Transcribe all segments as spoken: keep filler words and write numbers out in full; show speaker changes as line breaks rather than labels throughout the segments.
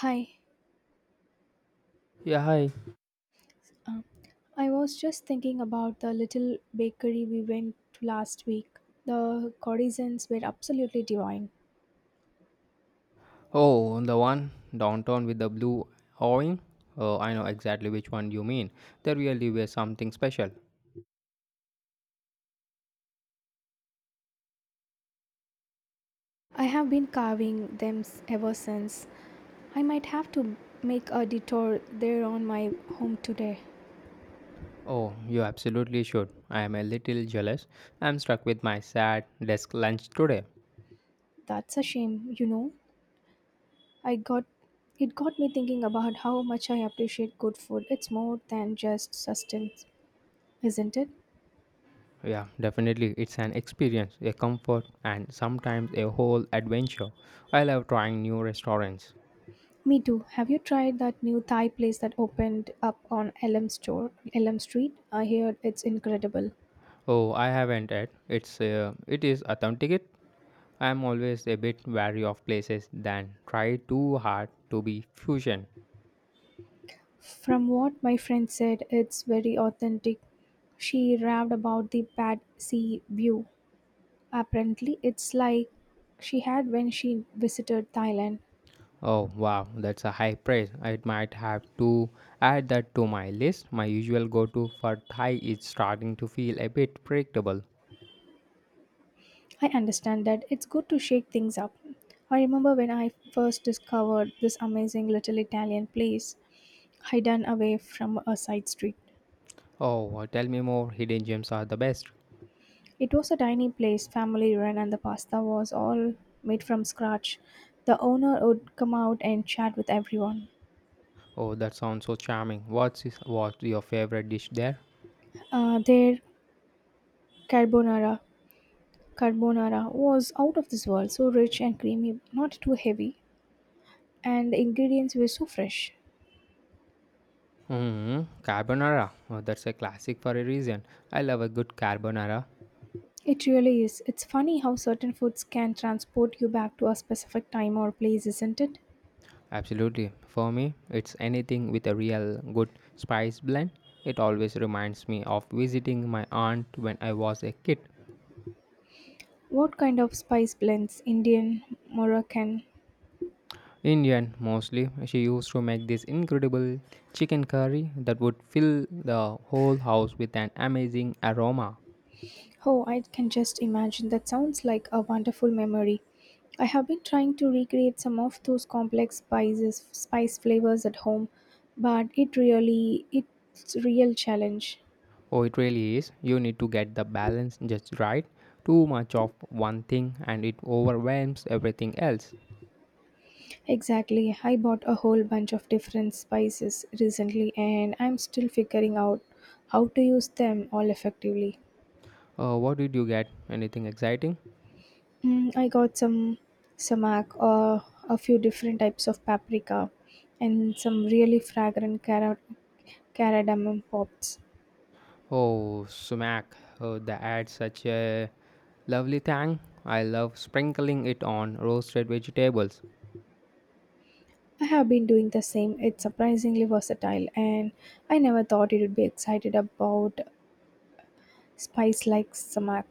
Hi,
Yeah, hi.
um, I was just thinking about the little bakery we went to last week. The courtesans were absolutely divine.
Oh, the one downtown with the blue awning? Oh, I know exactly which one you mean. There really were something special.
I have been carving them s- ever since. I might have to make a detour there on my home today.
Oh, you absolutely should. I am a little jealous. I'm stuck with my sad desk lunch today.
That's a shame, you know. I got It got me thinking about how much I appreciate good food. It's more than just sustenance, isn't it?
Yeah, definitely. It's an experience, a comfort, and sometimes a whole adventure. I love trying new restaurants.
Me too. Have you tried that new Thai place that opened up on Elm Store, Elm Street? I heard it's incredible.
Oh, I haven't yet. It's uh, it is authentic. It. I'm always a bit wary of places that try too hard to be fusion.
From what my friend said, it's very authentic. She raved about the bad sea view. Apparently, it's like she had when she visited Thailand.
Oh wow, that's a high praise. I might have to add that to my list. My usual go to for Thai is starting to feel a bit predictable.
I understand that it's good to shake things up. I remember when I first discovered this amazing little Italian place hidden away from a side street.
Oh, uh, tell me more. Hidden gems are the best.
It was a tiny place, family run, and the pasta was all made from scratch. The owner would come out and chat with everyone.
Oh, that sounds so charming. What's, is, what's your favorite dish there?
Uh, their carbonara carbonara was out of this world, so rich and creamy, not too heavy, and the ingredients were so fresh.
Mm, carbonara. Oh, that's a classic for a reason. I love a good carbonara.
It really is. It's funny how certain foods can transport you back to a specific time or place, isn't it?
Absolutely. For me, it's anything with a real good spice blend. It always reminds me of visiting my aunt when I was a kid.
What kind of spice blends? Indian, Moroccan?
Indian mostly. She used to make this incredible chicken curry that would fill the whole house with an amazing aroma.
Oh, I can just imagine. That sounds like a wonderful memory. I have been trying to recreate some of those complex spices, spice flavors at home, but it really it's real challenge.
Oh, it really is. You need to get the balance just right. Too much of one thing and it overwhelms everything else.
Exactly. I bought a whole bunch of different spices recently and I'm still figuring out how to use them all effectively.
Uh, what did you get? Anything exciting?
Mm, I got some samak, uh, a few different types of paprika, and some really fragrant cara- cardamom pops.
Oh, smack. Oh, that adds such a lovely tang. I love sprinkling it on roasted vegetables.
I have been doing the same. It's surprisingly versatile, and I never thought it would be excited about spice like samak.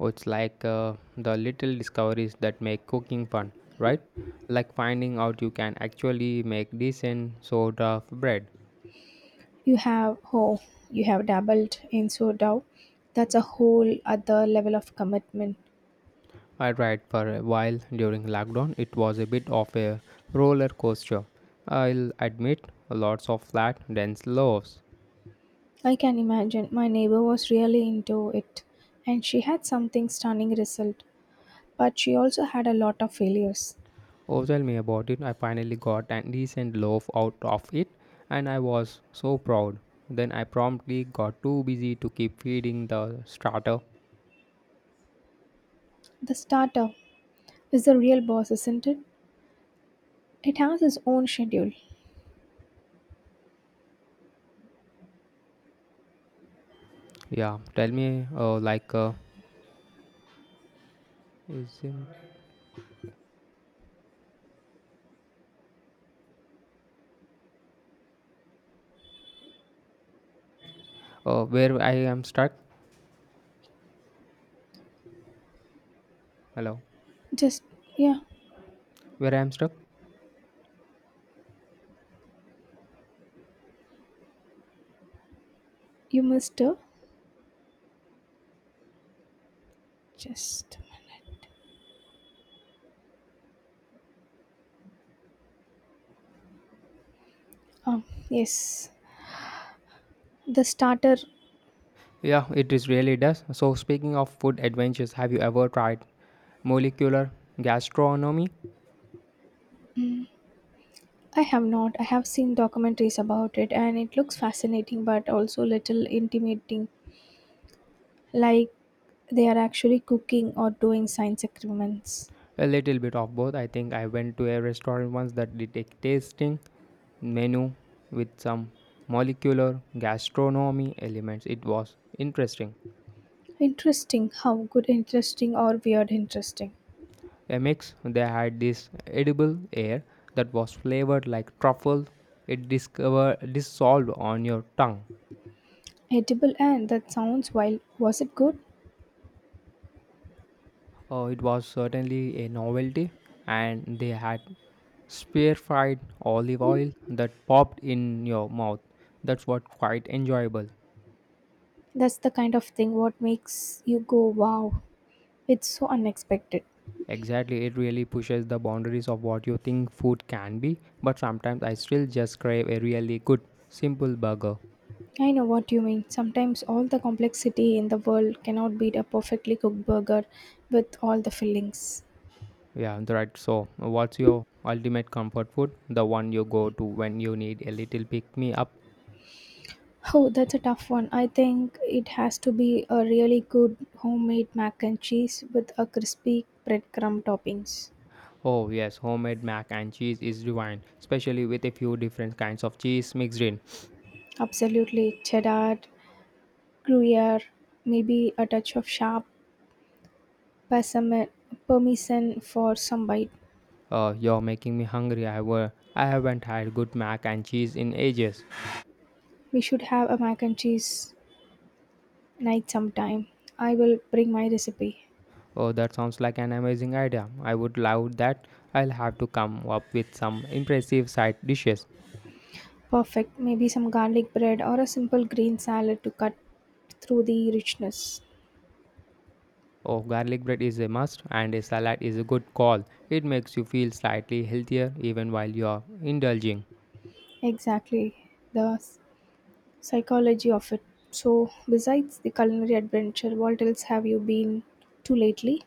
Oh, it's like uh, the little discoveries that make cooking fun, right? Like finding out you can actually make decent sort of bread.
You have oh, you have dabbled in sourdough. That's a whole other level of commitment.
I tried for a while during lockdown. It was a bit of a roller coaster. I'll admit, lots of flat, dense loaves.
I can imagine. My neighbor was really into it, and she had something stunning result, but she also had a lot of failures.
Oh, tell me about it. I finally got a decent loaf out of it, and I was so proud. Then I promptly got too busy to keep feeding the starter.
The startup is the real boss, isn't it? It has its own schedule.
Yeah, tell me, uh, like, uh, isn't oh where I am stuck? Hello,
Just, yeah,
where I am stuck?
you missed her. Just a minute. Um, yes, the starter.
Yeah, it is really does. So speaking of food adventures, have you ever tried molecular gastronomy?
I have not. I have seen documentaries about it and it looks fascinating but also little intimidating, like they are actually cooking or doing science experiments.
A little bit of both. I think I went to a restaurant once that did a tasting menu with some molecular gastronomy elements. It was interesting.
Interesting. How good, interesting, or weird, interesting.
A mix. They had this edible air that was flavored like truffle. It discover dissolved on your tongue.
Edible and that sounds wild. Was it good?
Uh, it was certainly a novelty, and they had spear fried olive oil that popped in your mouth. That's what quite enjoyable.
That's the kind of thing what makes you go, wow, it's so unexpected.
Exactly, it really pushes the boundaries of what you think food can be, but sometimes I still just crave a really good, simple burger.
I know what you mean. Sometimes all the complexity in the world cannot beat a perfectly cooked burger with all the fillings.
Yeah, right. So, what's your ultimate comfort food? The one you go to when you need a little pick me up?
Oh, that's a tough one. I think it has to be a really good homemade mac and cheese with a crispy breadcrumb toppings.
Oh, yes, homemade mac and cheese is divine, especially with a few different kinds of cheese mixed in.
Absolutely, cheddar, gruyere, maybe a touch of sharp parmesan parmesan for some bite.
Uh, you're making me hungry. I, were, I haven't had good mac and cheese in ages.
We should have a mac and cheese night sometime. I will bring my recipe.
Oh, that sounds like an amazing idea. I would love that. I'll have to come up with some impressive side dishes.
Perfect. Maybe some garlic bread or a simple green salad to cut through the richness.
Oh, garlic bread is a must, and a salad is a good call. It makes you feel slightly healthier even while you're indulging.
Exactly. The s- psychology of it. So, besides the culinary adventure, what else have you been to lately?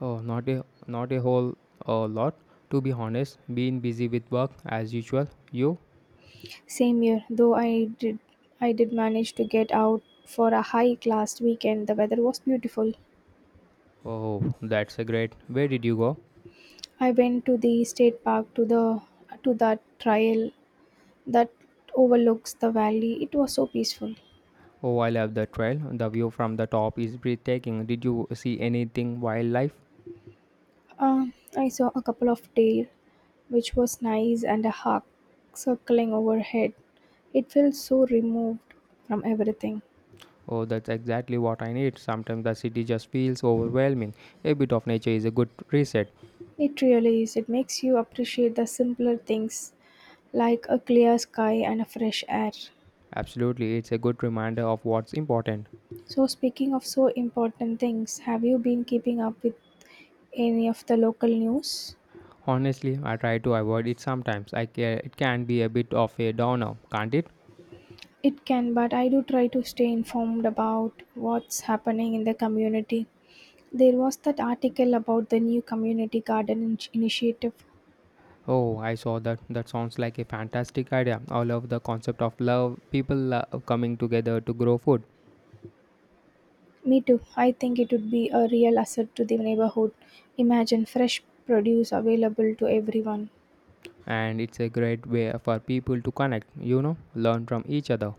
Oh, not a not a whole uh, lot, to be honest. Being busy with work as usual. You?
Same year, though I did I did manage to get out for a hike last weekend. The weather was beautiful.
Oh, that's a great. Where did you go?
I went to the state park to the to that trail that overlooks the valley. It was so peaceful.
Oh, I love the trail. The view from the top is breathtaking. Did you see anything wildlife?
Uh, I saw a couple of tail, which was nice, and a hawk circling overhead. It felt so removed from everything.
Oh, that's exactly what I need. Sometimes the city just feels overwhelming. A bit of nature is a good reset.
It really is. It makes you appreciate the simpler things like a clear sky and a fresh air.
Absolutely, it's a good reminder of what's important.
So, speaking of so important things, have you been keeping up with any of the local news?
Honestly, I try to avoid it sometimes. I care. It can be a bit of a downer, can't it?
It can, but I do try to stay informed about what's happening in the community. There was that article about the new community garden in- initiative.
Oh, I saw that. That sounds like a fantastic idea. I love the concept of love, people love coming together to grow food.
Me too. I think it would be a real asset to the neighborhood. Imagine fresh produce available to everyone.
And it's a great way for people to connect, you know, learn from each other.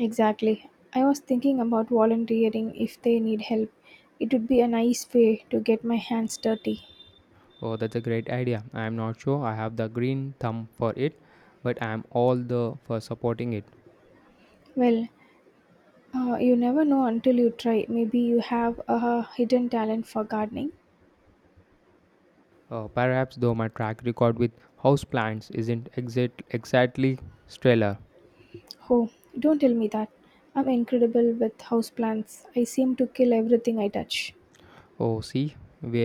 Exactly. I was thinking about volunteering if they need help. It would be a nice way to get my hands dirty.
Oh, that's a great idea. I'm not sure I have the green thumb for it, but I'm all the for supporting it.
Well, uh, you never know until you try. Maybe you have a hidden talent for gardening.
uh, perhaps though my track record with houseplants isn't exact, exactly stellar.
Oh, don't tell me that. I'm incredible with houseplants. I seem to kill everything I touch.
Oh see, we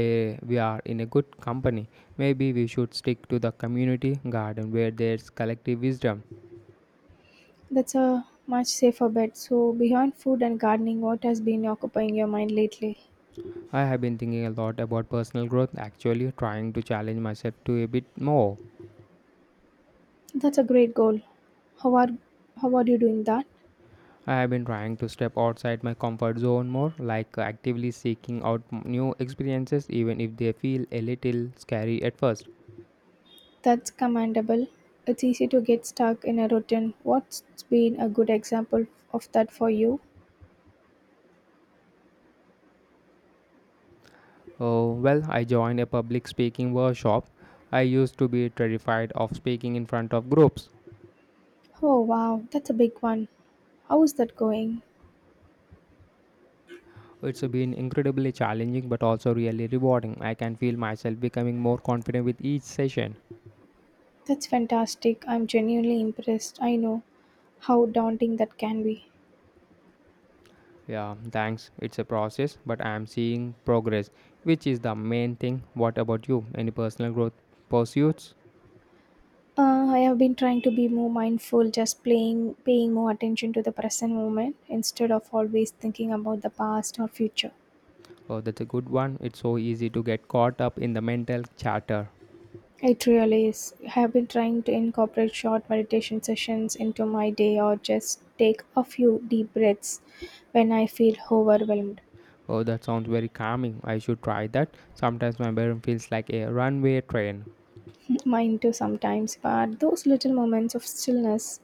we are in a good company. Maybe we should stick to the community garden where there's collective wisdom.
That's a much safer bet. So, beyond food and gardening, what has been occupying your mind lately?
I have been thinking a lot about personal growth, actually trying to challenge myself to a bit more.
That's a great goal. How are how are you doing that?
I have been trying to step outside my comfort zone more, like actively seeking out m- new experiences, even if they feel a little scary at first.
That's commendable. It's easy to get stuck in a routine. What's been a good example of that for you?
Oh, well, I joined a public speaking workshop. I used to be terrified of speaking in front of groups.
Oh wow, that's a big one. How is that going?
It's been incredibly challenging but also really rewarding. I can feel myself becoming more confident with each session.
That's fantastic. I'm genuinely impressed. I know how daunting that can be.
Yeah, thanks. It's a process, but I am seeing progress, which is the main thing. What about you? Any personal growth pursuits?
Uh, I have been trying to be more mindful, just playing, paying more attention to the present moment instead of always thinking about the past or future.
Oh, that's a good one. It's so easy to get caught up in the mental chatter.
It really is. I have been trying to incorporate short meditation sessions into my day or just take a few deep breaths when I feel overwhelmed.
Oh, that sounds very calming. I should try that. Sometimes my brain feels like a runway train.
Mine too sometimes, but those little moments of stillness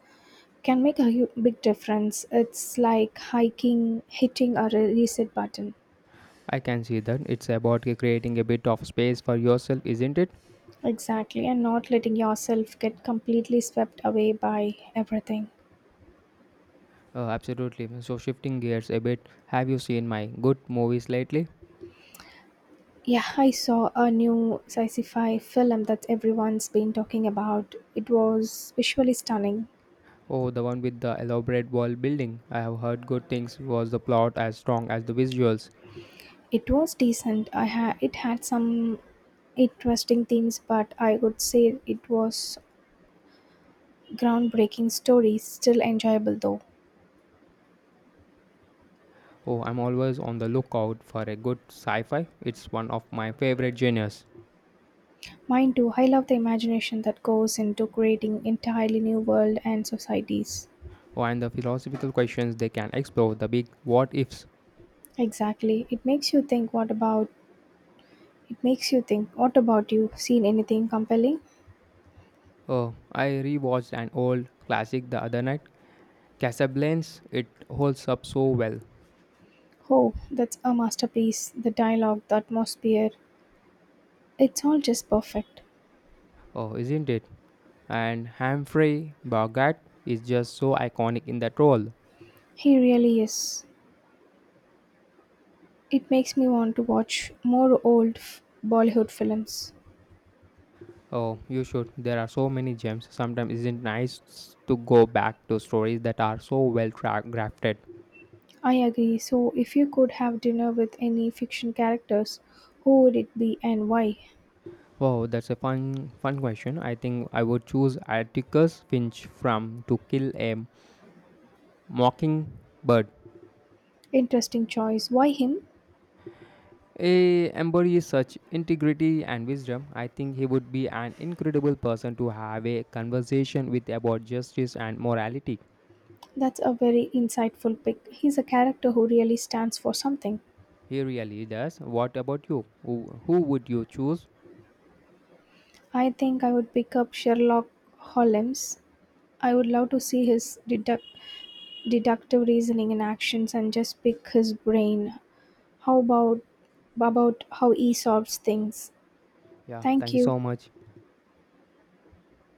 can make a hu- big difference. It's like hiking, hitting a re- reset button.
I can see that. It's about creating a bit of space for yourself, isn't it?
Exactly, and not letting yourself get completely swept away by everything.
Oh, absolutely. So, shifting gears a bit, have you seen my good movies lately?
Yeah, I saw a new sci-fi film that everyone's been talking about. It was visually stunning.
Oh, the one with the elaborate world building. I have heard good things. Was the plot as strong as the visuals?
It was decent. I had it had some interesting themes, but I would say it was groundbreaking stories. Still enjoyable though.
Oh, I'm always on the lookout for a good sci fi. It's one of my favorite genres.
Mine too. I love the imagination that goes into creating entirely new world and societies.
And the philosophical questions they can explore, the big what ifs.
Exactly. It makes you think what about It makes you think, what about you? Seen anything compelling?
Oh, I rewatched an old classic the other night, Casablanca. It holds up so well,
Oh, that's a masterpiece. The dialogue, the atmosphere, it's all just perfect.
oh, isn't it? And Humphrey Bogart is just so iconic in that role.
He really is. It makes me want to watch more old f- Bollywood films.
Oh, you should. There are so many gems. Sometimes isn't nice to go back to stories that are so well tra- crafted.
I agree. So, if you could have dinner with any fiction characters, who would it be and why?
Wow, that's a fun fun question. I think I would choose Atticus Finch from To Kill a Mockingbird.
Interesting choice. Why him?
A embodies such integrity and wisdom. I think he would be an incredible person to have a conversation with about justice and morality.
That's a very insightful pick. He's a character who really stands for something.
He really does. What about you? Who, who would you choose?
I think I would pick up Sherlock Holmes. I would love to see his deduct- deductive reasoning in actions and just pick his brain. How about about how he solves things?
Yeah,
Thank
thank you
you.
so much.